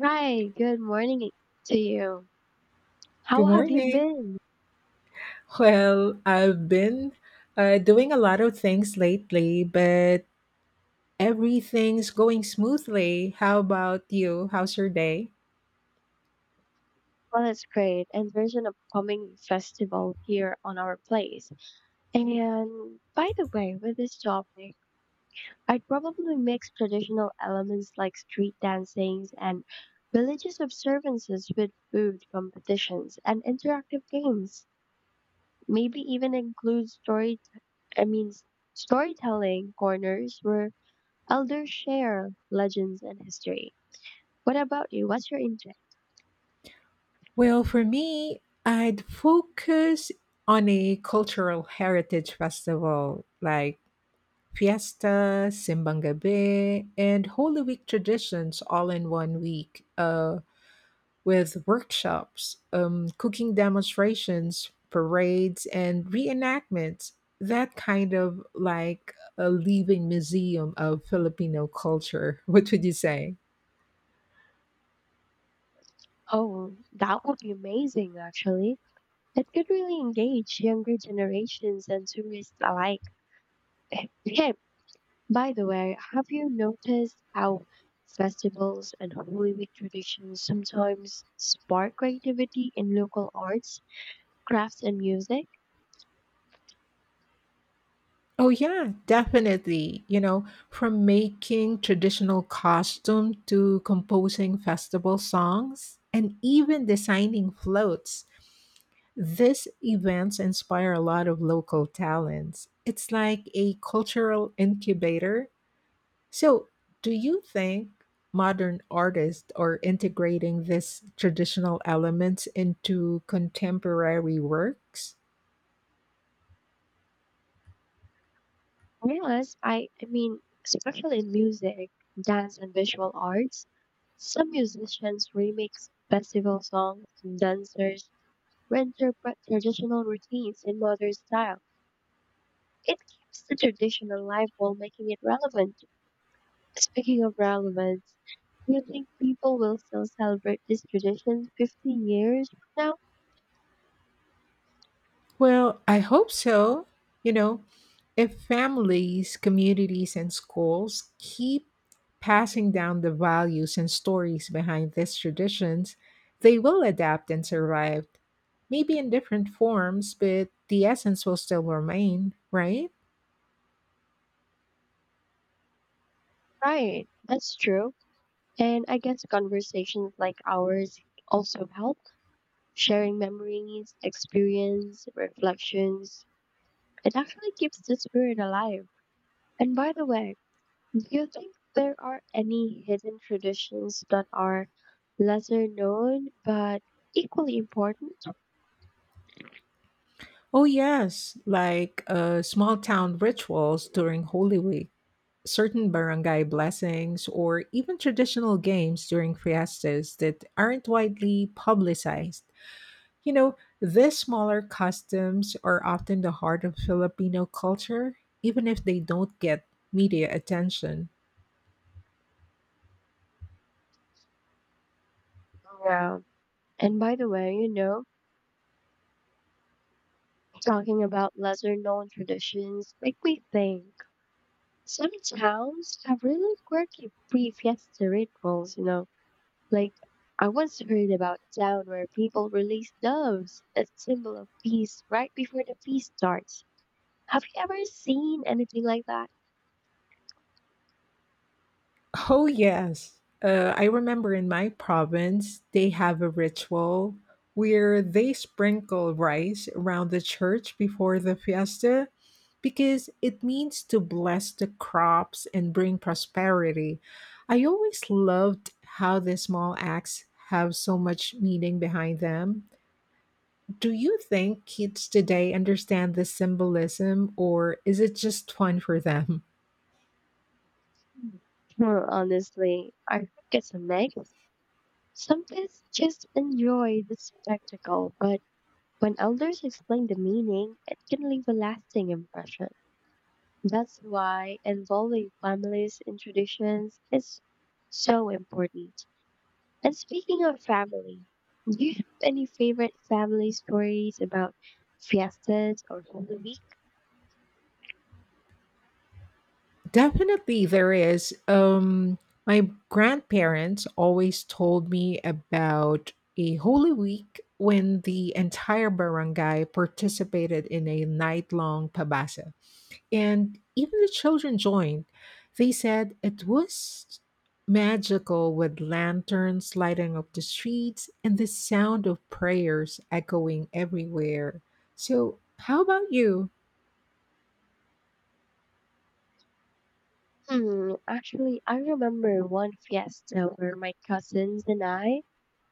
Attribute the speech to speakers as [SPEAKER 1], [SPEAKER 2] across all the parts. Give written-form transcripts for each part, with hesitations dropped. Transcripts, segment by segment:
[SPEAKER 1] Hi, good morning to you.
[SPEAKER 2] Good
[SPEAKER 1] How have you
[SPEAKER 2] morning.
[SPEAKER 1] been?
[SPEAKER 2] Well, I've been doing a lot of things lately, but everything's going smoothly. How about you? How's your day?
[SPEAKER 1] Well, it's great. And there's an upcoming festival here on our place. And by the way, with this topic, I'd probably mix traditional elements like street dancings and religious observances with food competitions and interactive games. Maybe even include I mean, storytelling corners where elders share legends and history. What about you? What's your interest?
[SPEAKER 2] Well, for me, I'd focus on a cultural heritage festival like Fiesta, Simbang Gabi, and Holy Week traditions all in one week. With workshops, cooking demonstrations, parades, and reenactments. That kind of like a living museum of Filipino culture. What would you say?
[SPEAKER 1] Oh, that would be amazing, actually. It could really engage younger generations and tourists alike. By the way, have you noticed how festivals and Holy Week traditions sometimes spark creativity in local arts, crafts, and music?
[SPEAKER 2] Oh, yeah, definitely. You know, from making traditional costume to composing festival songs and even designing floats. These events inspire a lot of local talents. It's like a cultural incubator. So, do you think modern artists are integrating these traditional elements into contemporary works?
[SPEAKER 1] Well, yes, I mean, especially in music, dance, and visual arts. Some musicians remix festival songs, dancers reinterpret traditional routines in modern style. It keeps the tradition alive while making it relevant. Speaking of relevance, do you think people will still celebrate these traditions 50 years from now?
[SPEAKER 2] Well, I hope so. You know, if families, communities, and schools keep passing down the values and stories behind these traditions, they will adapt and survive. Maybe in different forms, but the essence will still remain, right?
[SPEAKER 1] Right, that's true. And I guess conversations like ours also help. Sharing memories, experience, reflections. It actually keeps the spirit alive. And by the way, do you think there are any hidden traditions that are lesser known but equally important?
[SPEAKER 2] Oh, yes, like small town rituals during Holy Week, certain barangay blessings, or even traditional games during fiestas that aren't widely publicized. You know, these smaller customs are often the heart of Filipino culture, even if they don't get media attention.
[SPEAKER 1] Yeah. And by the way, talking about lesser known traditions make me think. Some towns have really quirky pre-fiesta rituals. Like I once heard about a town where people release doves, as symbol of peace, right before the feast starts. Have you ever seen anything like that?
[SPEAKER 2] Oh, yes. I remember in my province, they have a ritual where they sprinkle rice around the church before the fiesta because it means to bless the crops and bring prosperity. I always loved how the small acts have so much meaning behind them. Do you think kids today understand the symbolism, or is it just fun for them?
[SPEAKER 1] Well, honestly, I think it's a mix. Some kids just enjoy the spectacle, but when elders explain the meaning, it can leave a lasting impression. That's why involving families in traditions is so important. And speaking of family, do you have any favorite family stories about fiestas or Holy Week?
[SPEAKER 2] Definitely there is. My grandparents always told me about a holy week when the entire barangay participated in a night-long pabasa. And even the children joined. They said it was magical with lanterns lighting up the streets and the sound of prayers echoing everywhere. So, how about you?
[SPEAKER 1] Actually, I remember one fiesta where my cousins and I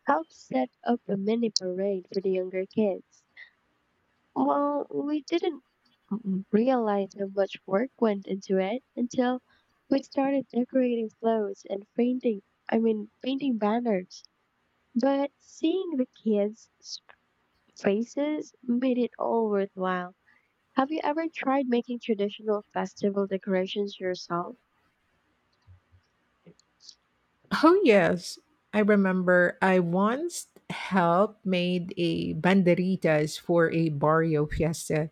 [SPEAKER 1] helped set up a mini parade for the younger kids. Well, we didn't realize how much work went into it until we started decorating floats and I mean, painting banners. But seeing the kids' faces made it all worthwhile. Have you ever tried making traditional festival decorations yourself?
[SPEAKER 2] Oh yes, I remember I once helped made a banderitas for a barrio fiesta.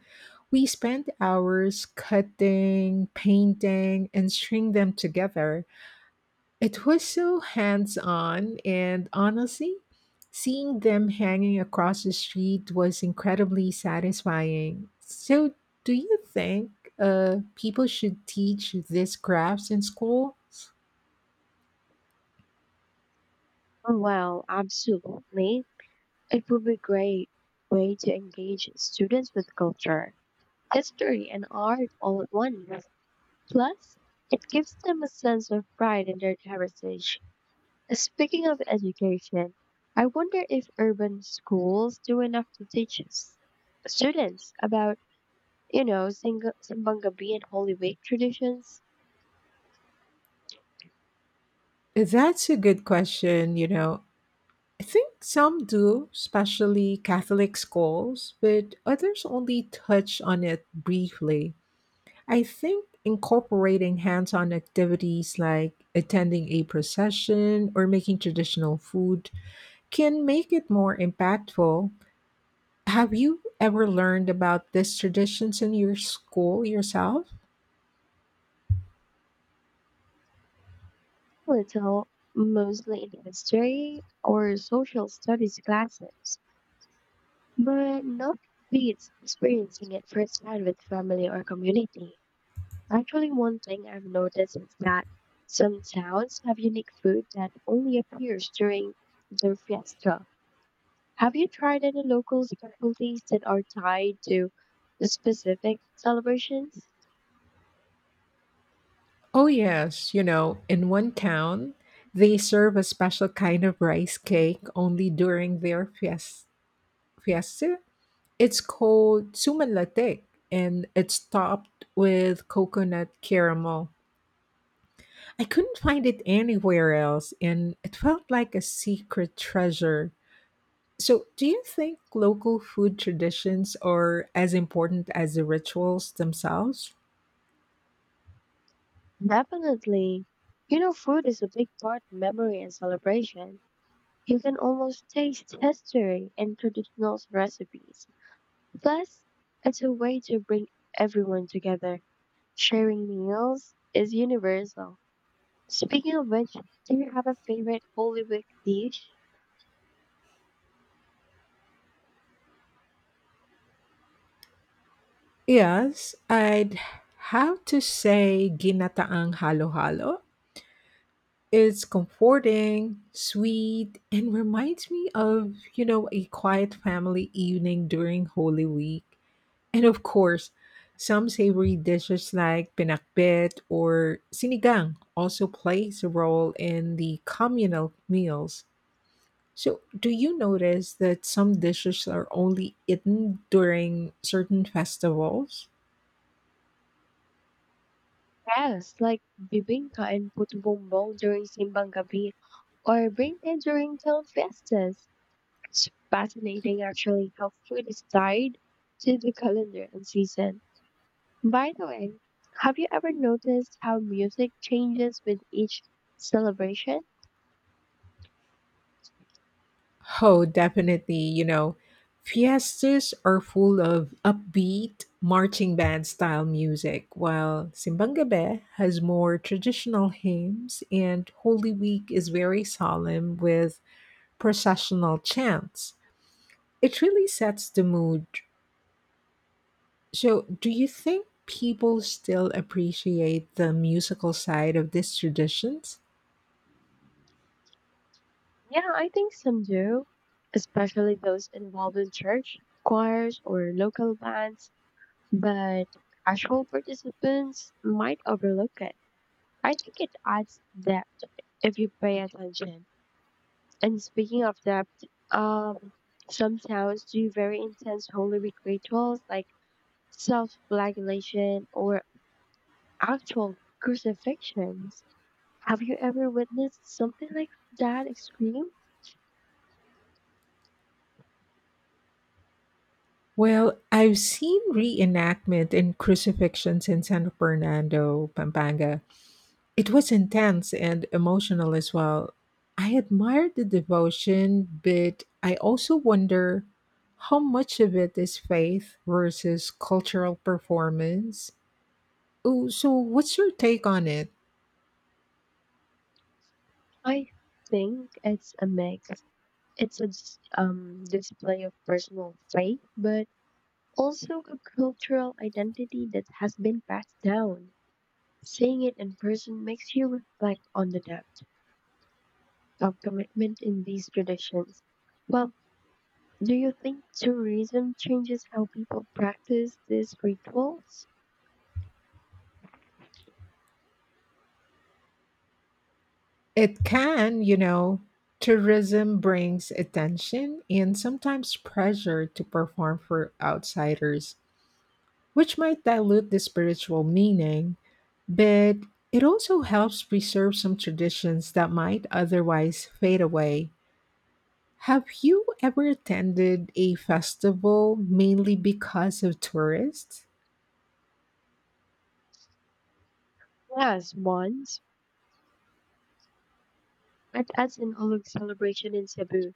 [SPEAKER 2] We spent hours cutting, painting, and string them together. It was so hands-on and honestly, seeing them hanging across the street was incredibly satisfying. So, do you think people should teach these crafts in schools?
[SPEAKER 1] Oh, well, absolutely. It would be great way to engage students with culture, history and art all at once. Plus, it gives them a sense of pride in their heritage. Speaking of education, I wonder if urban schools do enough to teach us students about, you know, Sing- Simbangabi and Holy Week traditions.
[SPEAKER 2] That's a good question. You know, I think some do, especially Catholic schools, but others only touch on it briefly. I think incorporating hands on activities like attending a procession or making traditional food can make it more impactful. Have you ever learned about these traditions in your school yourself?
[SPEAKER 1] Little, mostly in history or social studies classes, but not beats experiencing it firsthand with family or community. Actually, one thing I've noticed is that some towns have unique food that only appears during their fiesta. Have you tried any local specialties that are tied to the specific celebrations?
[SPEAKER 2] Oh, yes. You know, in one town, they serve a special kind of rice cake only during their fiesta. It's called sumalatek and it's topped with coconut caramel. I couldn't find it anywhere else, and it felt like a secret treasure. So, do you think local food traditions are as important as the rituals themselves?
[SPEAKER 1] Definitely. You know, food is a big part of memory and celebration. You can almost taste history and traditional recipes. Plus, it's a way to bring everyone together. Sharing meals is universal. Speaking of which, do you have a favorite Hollywood dish?
[SPEAKER 2] Yes, I'd have to say ginataang halo-halo. It's comforting, sweet, and reminds me of, you know, a quiet family evening during Holy Week. And of course, some savory dishes like pinakbet or sinigang also plays a role in the communal meals. So, do you notice that some dishes are only eaten during certain festivals?
[SPEAKER 1] Yes, like bibinka and puto bumbong during simbang gabi or bring it during town fiestas. It's fascinating actually how food is tied to the calendar and season. By the way, have you ever noticed how music changes with each celebration?
[SPEAKER 2] Oh, definitely. You know, fiestas are full of upbeat marching band style music, while Simbang Gabi has more traditional hymns, and Holy Week is very solemn with processional chants. It really sets the mood. So, do you think people still appreciate the musical side of these traditions?
[SPEAKER 1] Yeah, I think some do, especially those involved in church, choirs, or local bands, but casual participants might overlook it. I think it adds depth if you pay attention. And speaking of depth, um, some towns do very intense holy week rituals like self-flagellation or actual crucifixions. Have you ever witnessed something like that extreme?
[SPEAKER 2] Well, I've seen reenactment and crucifixions in San Fernando, Pampanga. It was intense and emotional as well. I admired the devotion, but I also wonder how much of it is faith versus cultural performance. Oh, so what's your take on it?
[SPEAKER 1] I think it's a mix. It's a display of personal faith, but also, a cultural identity that has been passed down. Seeing it in person makes you reflect on the depth of commitment in these traditions. Well, do you think tourism changes how people practice these rituals?
[SPEAKER 2] It can, you know, tourism brings attention and sometimes pressure to perform for outsiders, which might dilute the spiritual meaning, but it also helps preserve some traditions that might otherwise fade away. Have you ever attended a festival mainly because of tourists?
[SPEAKER 1] Yes, once. At as an Olug celebration in Cebu.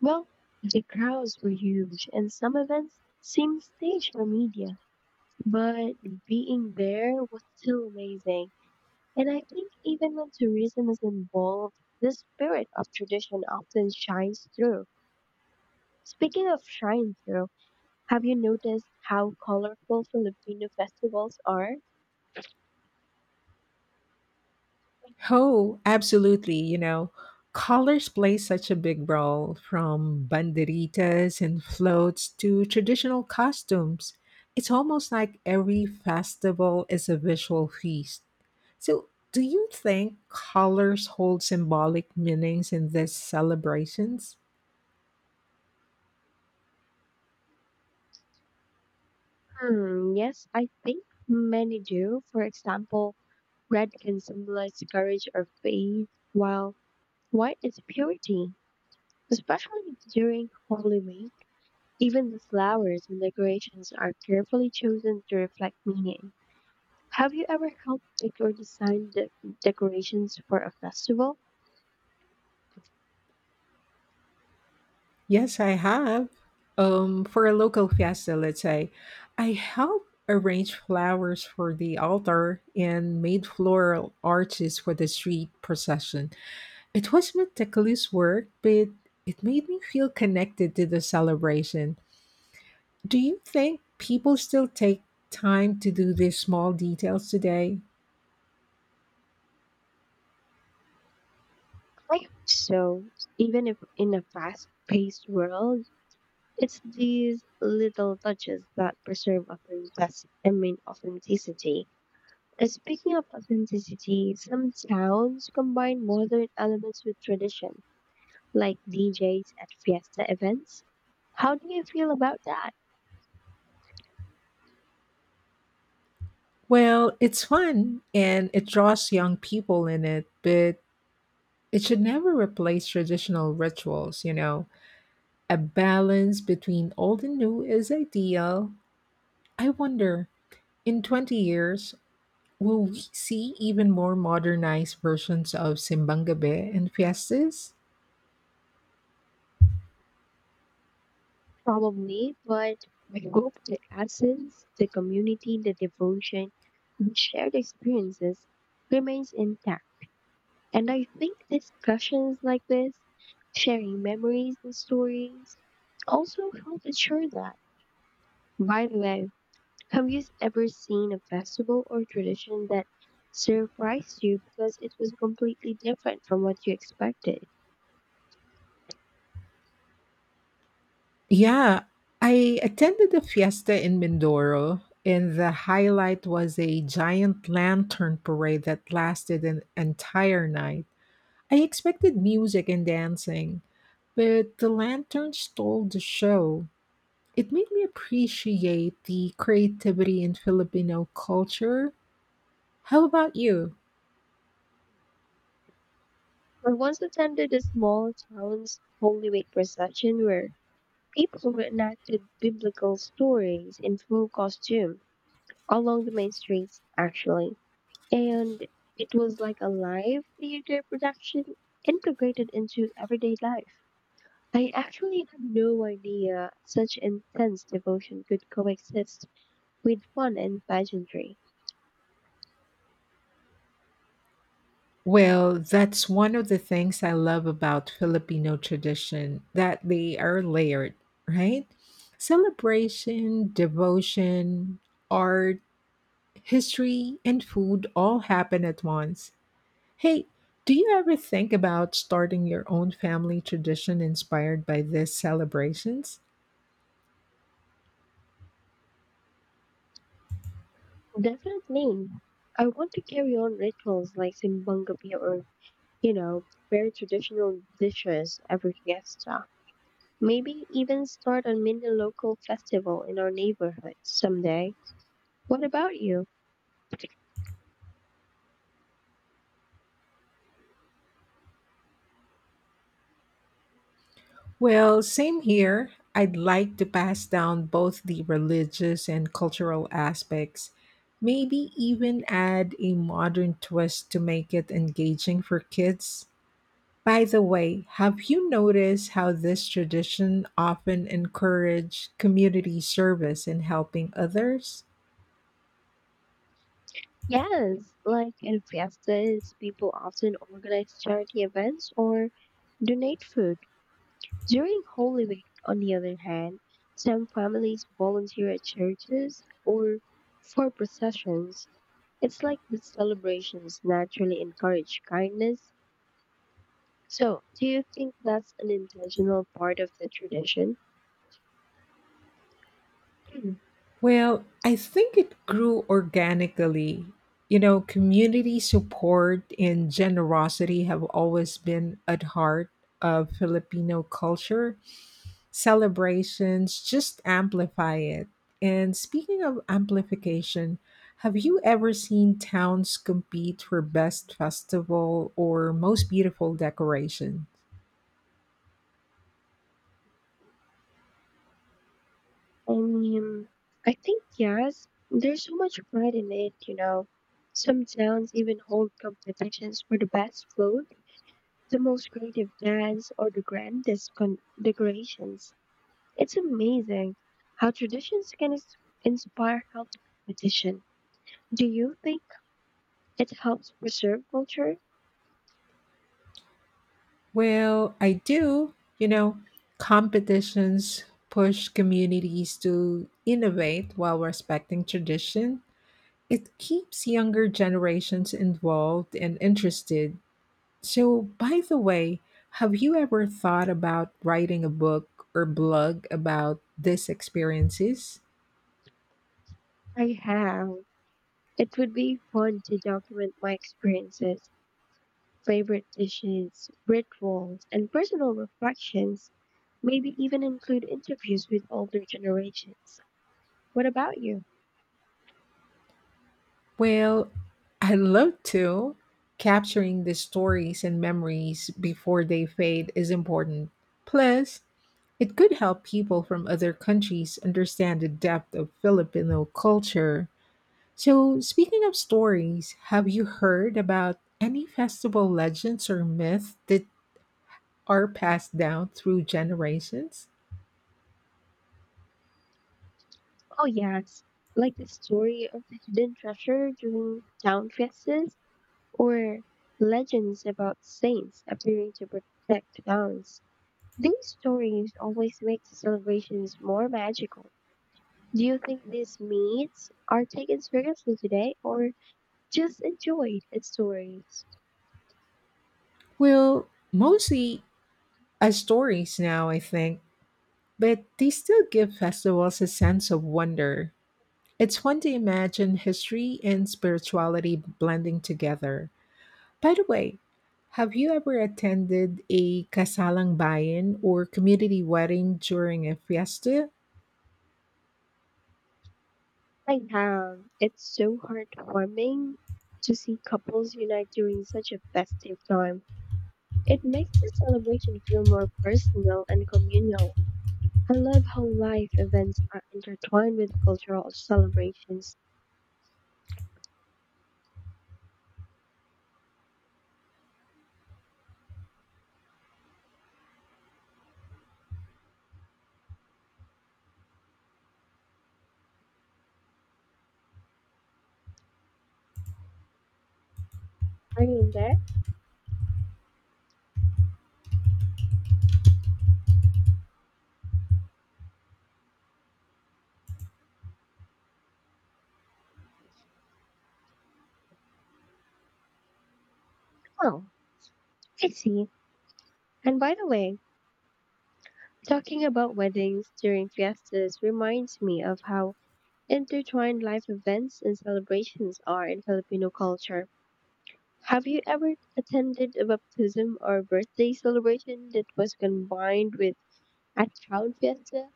[SPEAKER 1] Well, the crowds were huge and some events seemed staged for media, but being there was still amazing. And I think even when tourism is involved, the spirit of tradition often shines through. Speaking of shine through, have you noticed how colorful Filipino festivals are?
[SPEAKER 2] Oh, absolutely. You know, colors play such a big role from banderitas and floats to traditional costumes. It's almost like every festival is a visual feast. So, do you think colors hold symbolic meanings in these celebrations?
[SPEAKER 1] Yes, I think many do. For example, red can symbolize courage or faith, while white is purity, especially during Holy Week. Even the flowers and decorations are carefully chosen to reflect meaning. Have you ever helped pick or design decorations for a festival?
[SPEAKER 2] Yes, I have. For a local fiesta, let's say, I helped arrange flowers for the altar and made floral arches for the street procession. It was meticulous work, but it made me feel connected to the celebration. Do you think people still take time to do these small details today?
[SPEAKER 1] I hope so. Even if in a fast-paced world, it's these little touches that preserve authenticity. I mean, authenticity. Speaking of authenticity, some towns combine modern elements with tradition, like DJs at fiesta events. How do you feel about that?
[SPEAKER 2] Well, it's fun and it draws young people in it, but it should never replace traditional rituals, you know. A balance between old and new is ideal. I wonder, in 20 years, will we see even more modernized versions of Simbang Gabi and fiestas?
[SPEAKER 1] Probably, but I hope the essence, the community, the devotion, the shared experiences remains intact. And I think discussions like this, sharing memories and stories, also help ensure that. By the way, have you ever seen a festival or tradition that surprised you because it was completely different from what you expected?
[SPEAKER 2] Yeah, I attended a fiesta in Mindoro, and the highlight was a giant lantern parade that lasted an entire night. I expected music and dancing, but the lantern stole the show. It made me appreciate the creativity in Filipino culture. How about you?
[SPEAKER 1] I once attended a small town's Holy Week procession where people reenacted biblical stories in full costume along the main streets, actually. And it was like a live theater production integrated into everyday life. I actually had no idea such intense devotion could coexist with fun and pageantry.
[SPEAKER 2] Well, that's one of the things I love about Filipino tradition that they are layered, right? Celebration, devotion, art, history, and food all happen at once. Hey, do you ever think about starting your own family tradition inspired by these celebrations?
[SPEAKER 1] Definitely. I want to carry on rituals like Simbangapi or, you know, very traditional dishes every fiesta. Maybe even start a mini local festival in our neighborhood someday. What about you?
[SPEAKER 2] Well, same here. I'd like to pass down both the religious and cultural aspects, maybe even add a modern twist to make it engaging for kids. By the way, have you noticed how this tradition often encourage community service and helping others?
[SPEAKER 1] Yes, like in fiestas, people often organize charity events or donate food. During Holy Week, on the other hand, some families volunteer at churches or for processions. It's like the celebrations naturally encourage kindness. So, do you think that's an intentional part of the tradition?
[SPEAKER 2] Well, I think it grew organically. You know, community support and generosity have always been at heart of Filipino culture. Celebrations just amplify it. And speaking of amplification, have you ever seen towns compete for best festival or most beautiful decoration?
[SPEAKER 1] Um, I think yes. There's so much pride in it, you know. Some towns even hold competitions for the best food, the most creative dance, or the grandest decorations. It's amazing how traditions can inspire healthy competition. Do you think it helps preserve culture?
[SPEAKER 2] Well, I do. You know, competitions push communities to innovate while respecting tradition. It keeps younger generations involved and interested. So, by the way, have you ever thought about writing a book or blog about these experiences?
[SPEAKER 1] I have. It would be fun to document my experiences, favorite dishes, rituals, and personal reflections, maybe even include interviews with older generations. What about you?
[SPEAKER 2] Well, I love to. Capturing the stories and memories before they fade is important. Plus, it could help people from other countries understand the depth of Filipino culture. So, speaking of stories, have you heard about any festival legends or myths that are passed down through generations?
[SPEAKER 1] Oh, yes, like the story of the hidden treasure during town fiestas or legends about saints appearing to protect towns. These stories always make the celebrations more magical. Do you think these myths are taken seriously today or just enjoyed as stories?
[SPEAKER 2] Well, mostly as stories now, I think, but they still give festivals a sense of wonder. It's fun to imagine history and spirituality blending together. By the way, have you ever attended a kasalang bayan or community wedding during a fiesta?
[SPEAKER 1] I have. It's so heartwarming to see couples unite during such a festive time. It makes the celebration feel more personal and communal. I love how life events are intertwined with cultural celebrations. Are you in there? Oh, I see. And by the way, talking about weddings during fiestas reminds me of how intertwined life events and celebrations are in Filipino culture. Have you ever attended a baptism or birthday celebration that was combined with a town fiesta?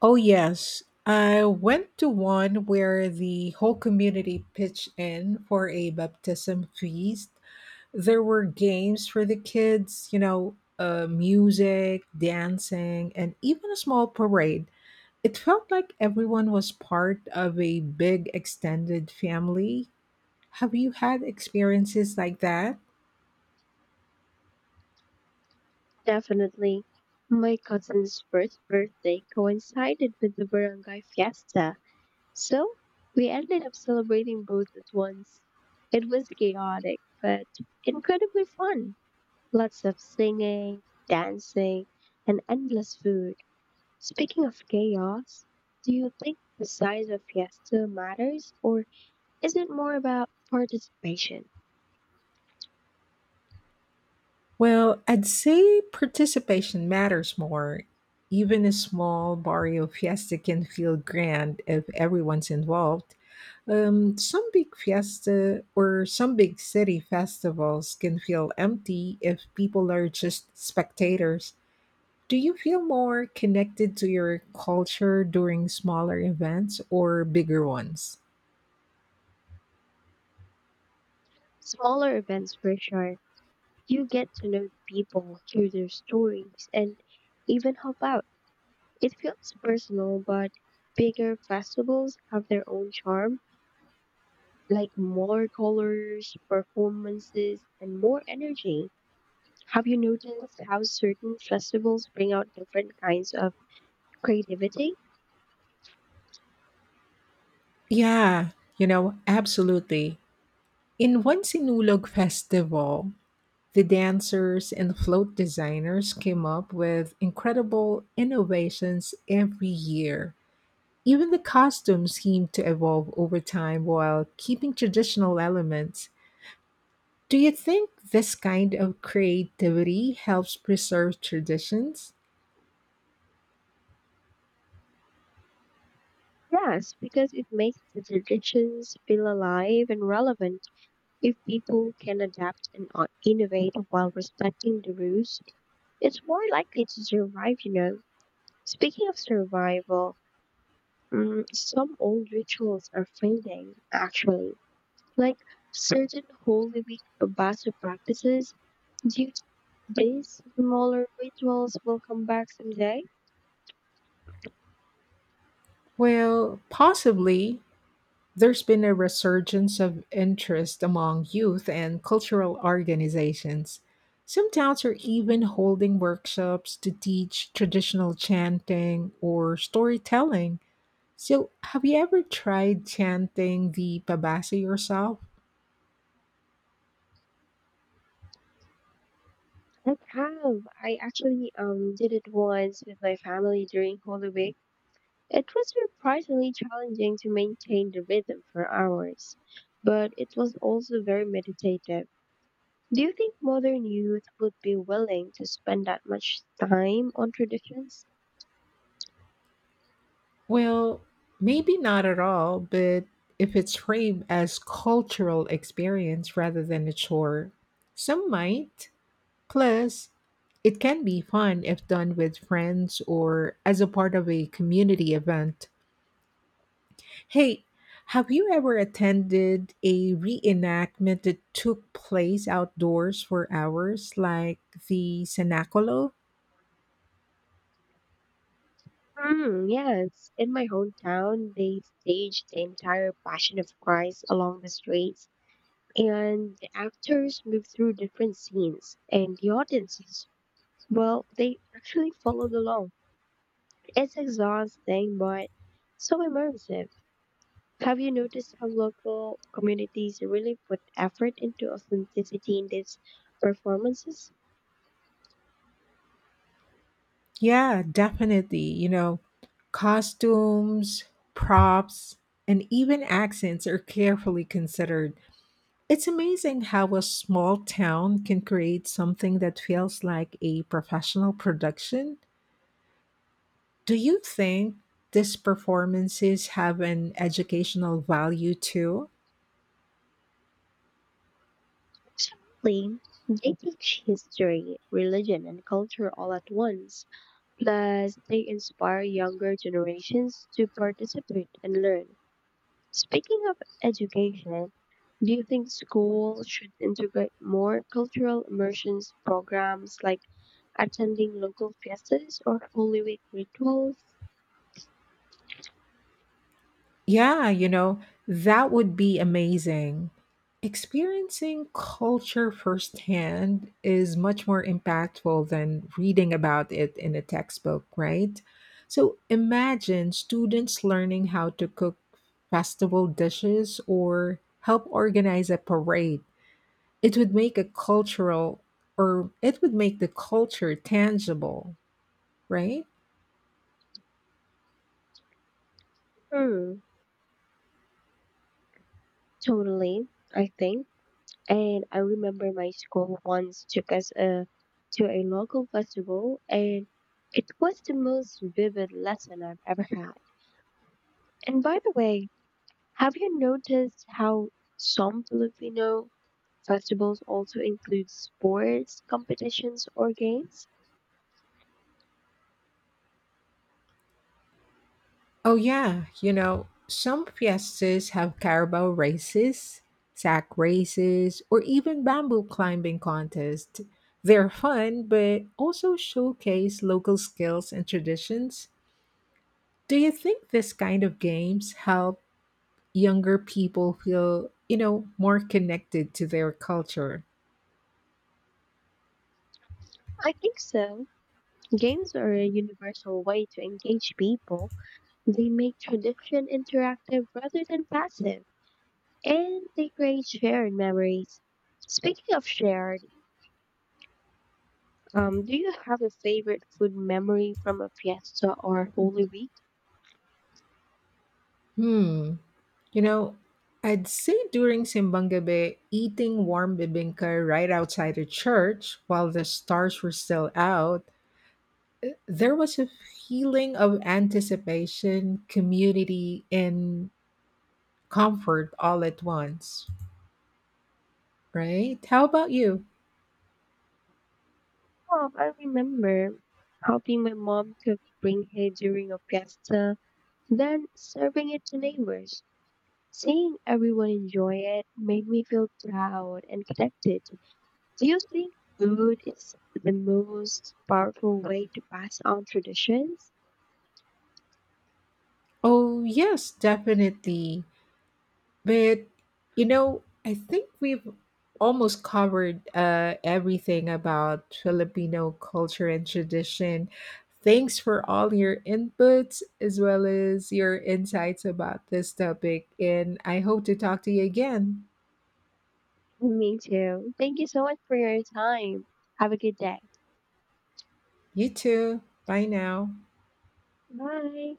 [SPEAKER 2] Oh, yes. I went to one where the whole community pitched in for a baptism feast. There were games for the kids, you know, music, dancing, and even a small parade. It felt like everyone was part of a big extended family. Have you had experiences like that?
[SPEAKER 1] Definitely. My cousin's first birthday coincided with the barangay fiesta, so we ended up celebrating both at once. It was chaotic, but incredibly fun. Lots of singing, dancing, and endless food. Speaking of chaos, do you think the size of fiesta matters or isn't more about participation?
[SPEAKER 2] Well, I'd say participation matters more. Even a small barrio fiesta can feel grand if everyone's involved. Some big fiesta or some big city festivals can feel empty if people are just spectators. Do you feel more connected to your culture during smaller events or bigger ones?
[SPEAKER 1] Smaller events which are you get to know the people, hear their stories, and even help out. It feels personal, but bigger festivals have their own charm, like more colors, performances, and more energy. Have you noticed how certain festivals bring out different kinds of creativity?
[SPEAKER 2] Yeah, you know, absolutely. In one Sinulog festival, the dancers and float designers came up with incredible innovations every year. Even the costumes seemed to evolve over time while keeping traditional elements. Do you think this kind of creativity helps preserve traditions?
[SPEAKER 1] Yes, because it makes the traditions feel alive and relevant. If people can adapt and innovate while respecting the rules, it's more likely to survive, you know. Speaking of survival, some old rituals are fading, actually, like certain Holy Week Abbasid practices. Do you think these smaller rituals will come back someday?
[SPEAKER 2] Well, possibly, there's been a resurgence of interest among youth and cultural organizations. Some towns are even holding workshops to teach traditional chanting or storytelling. So, have you ever tried chanting the pabasa yourself?
[SPEAKER 1] I have. I actually did it once with my family during Holy Week. It was surprisingly challenging to maintain the rhythm for hours, but it was also very meditative. Do you think modern youth would be willing to spend that much time on traditions?
[SPEAKER 2] Well, maybe not at all, but if it's framed as cultural experience rather than a chore, some might. Plus, it can be fun if done with friends or as a part of a community event. Hey, have you ever attended a reenactment that took place outdoors for hours, like the Cenacolo?
[SPEAKER 1] Yes. In my hometown, they staged the entire Passion of Christ along the streets, and the actors moved through different scenes, and the audiences, well, they actually followed along. It's exhausting, but so immersive. Have you noticed how local communities really put effort into authenticity in these performances?
[SPEAKER 2] Yeah, definitely. You know, costumes, props, and even accents are carefully considered. It's amazing how a small town can create something that feels like a professional production. Do you think these performances have an educational value too?
[SPEAKER 1] Absolutely. They teach history, religion, and culture all at once. Plus, they inspire younger generations to participate and learn. Speaking of education, do you think schools should integrate more cultural immersions programs like attending local fiestas or Holy Week rituals?
[SPEAKER 2] Yeah, you know, that would be amazing. Experiencing culture firsthand is much more impactful than reading about it in a textbook, right? So imagine students learning how to cook festival dishes or help organize a parade. It would make a cultural or, it would make the culture tangible, right?
[SPEAKER 1] Hmm. Totally, I think. And I remember my school once took us to a local festival, and it was the most vivid lesson I've ever had. And by the way, have you noticed how some Filipino festivals also include sports competitions or games?
[SPEAKER 2] Oh, yeah. You know, some fiestas have carabao races, sack races, or even bamboo climbing contests. They're fun, but also showcase local skills and traditions. Do you think this kind of games help younger people feel, you know, more connected to their culture?
[SPEAKER 1] I think so. Games are a universal way to engage people. They make tradition interactive rather than passive, and they create shared memories. Speaking of shared, do you have a favorite food memory from a fiesta or Holy Week?
[SPEAKER 2] Hmm. You know, I'd say during Simbang Gabi, eating warm bibingka right outside the church while the stars were still out there was a feeling of anticipation, community, and comfort all at once, right? How about you?
[SPEAKER 1] Well, I remember helping my mom cook brinque during a fiesta, then serving it to neighbors. Seeing everyone enjoy it made me feel proud and connected. Do you think food is the most powerful way to pass on traditions?
[SPEAKER 2] Oh, yes, definitely. But, you know, I think we've almost covered everything about Filipino culture and tradition. Thanks for all your inputs as well as your insights about this topic. And I hope to talk to you again.
[SPEAKER 1] Me too. Thank you so much for your time. Have a good day.
[SPEAKER 2] You too. Bye now.
[SPEAKER 1] Bye.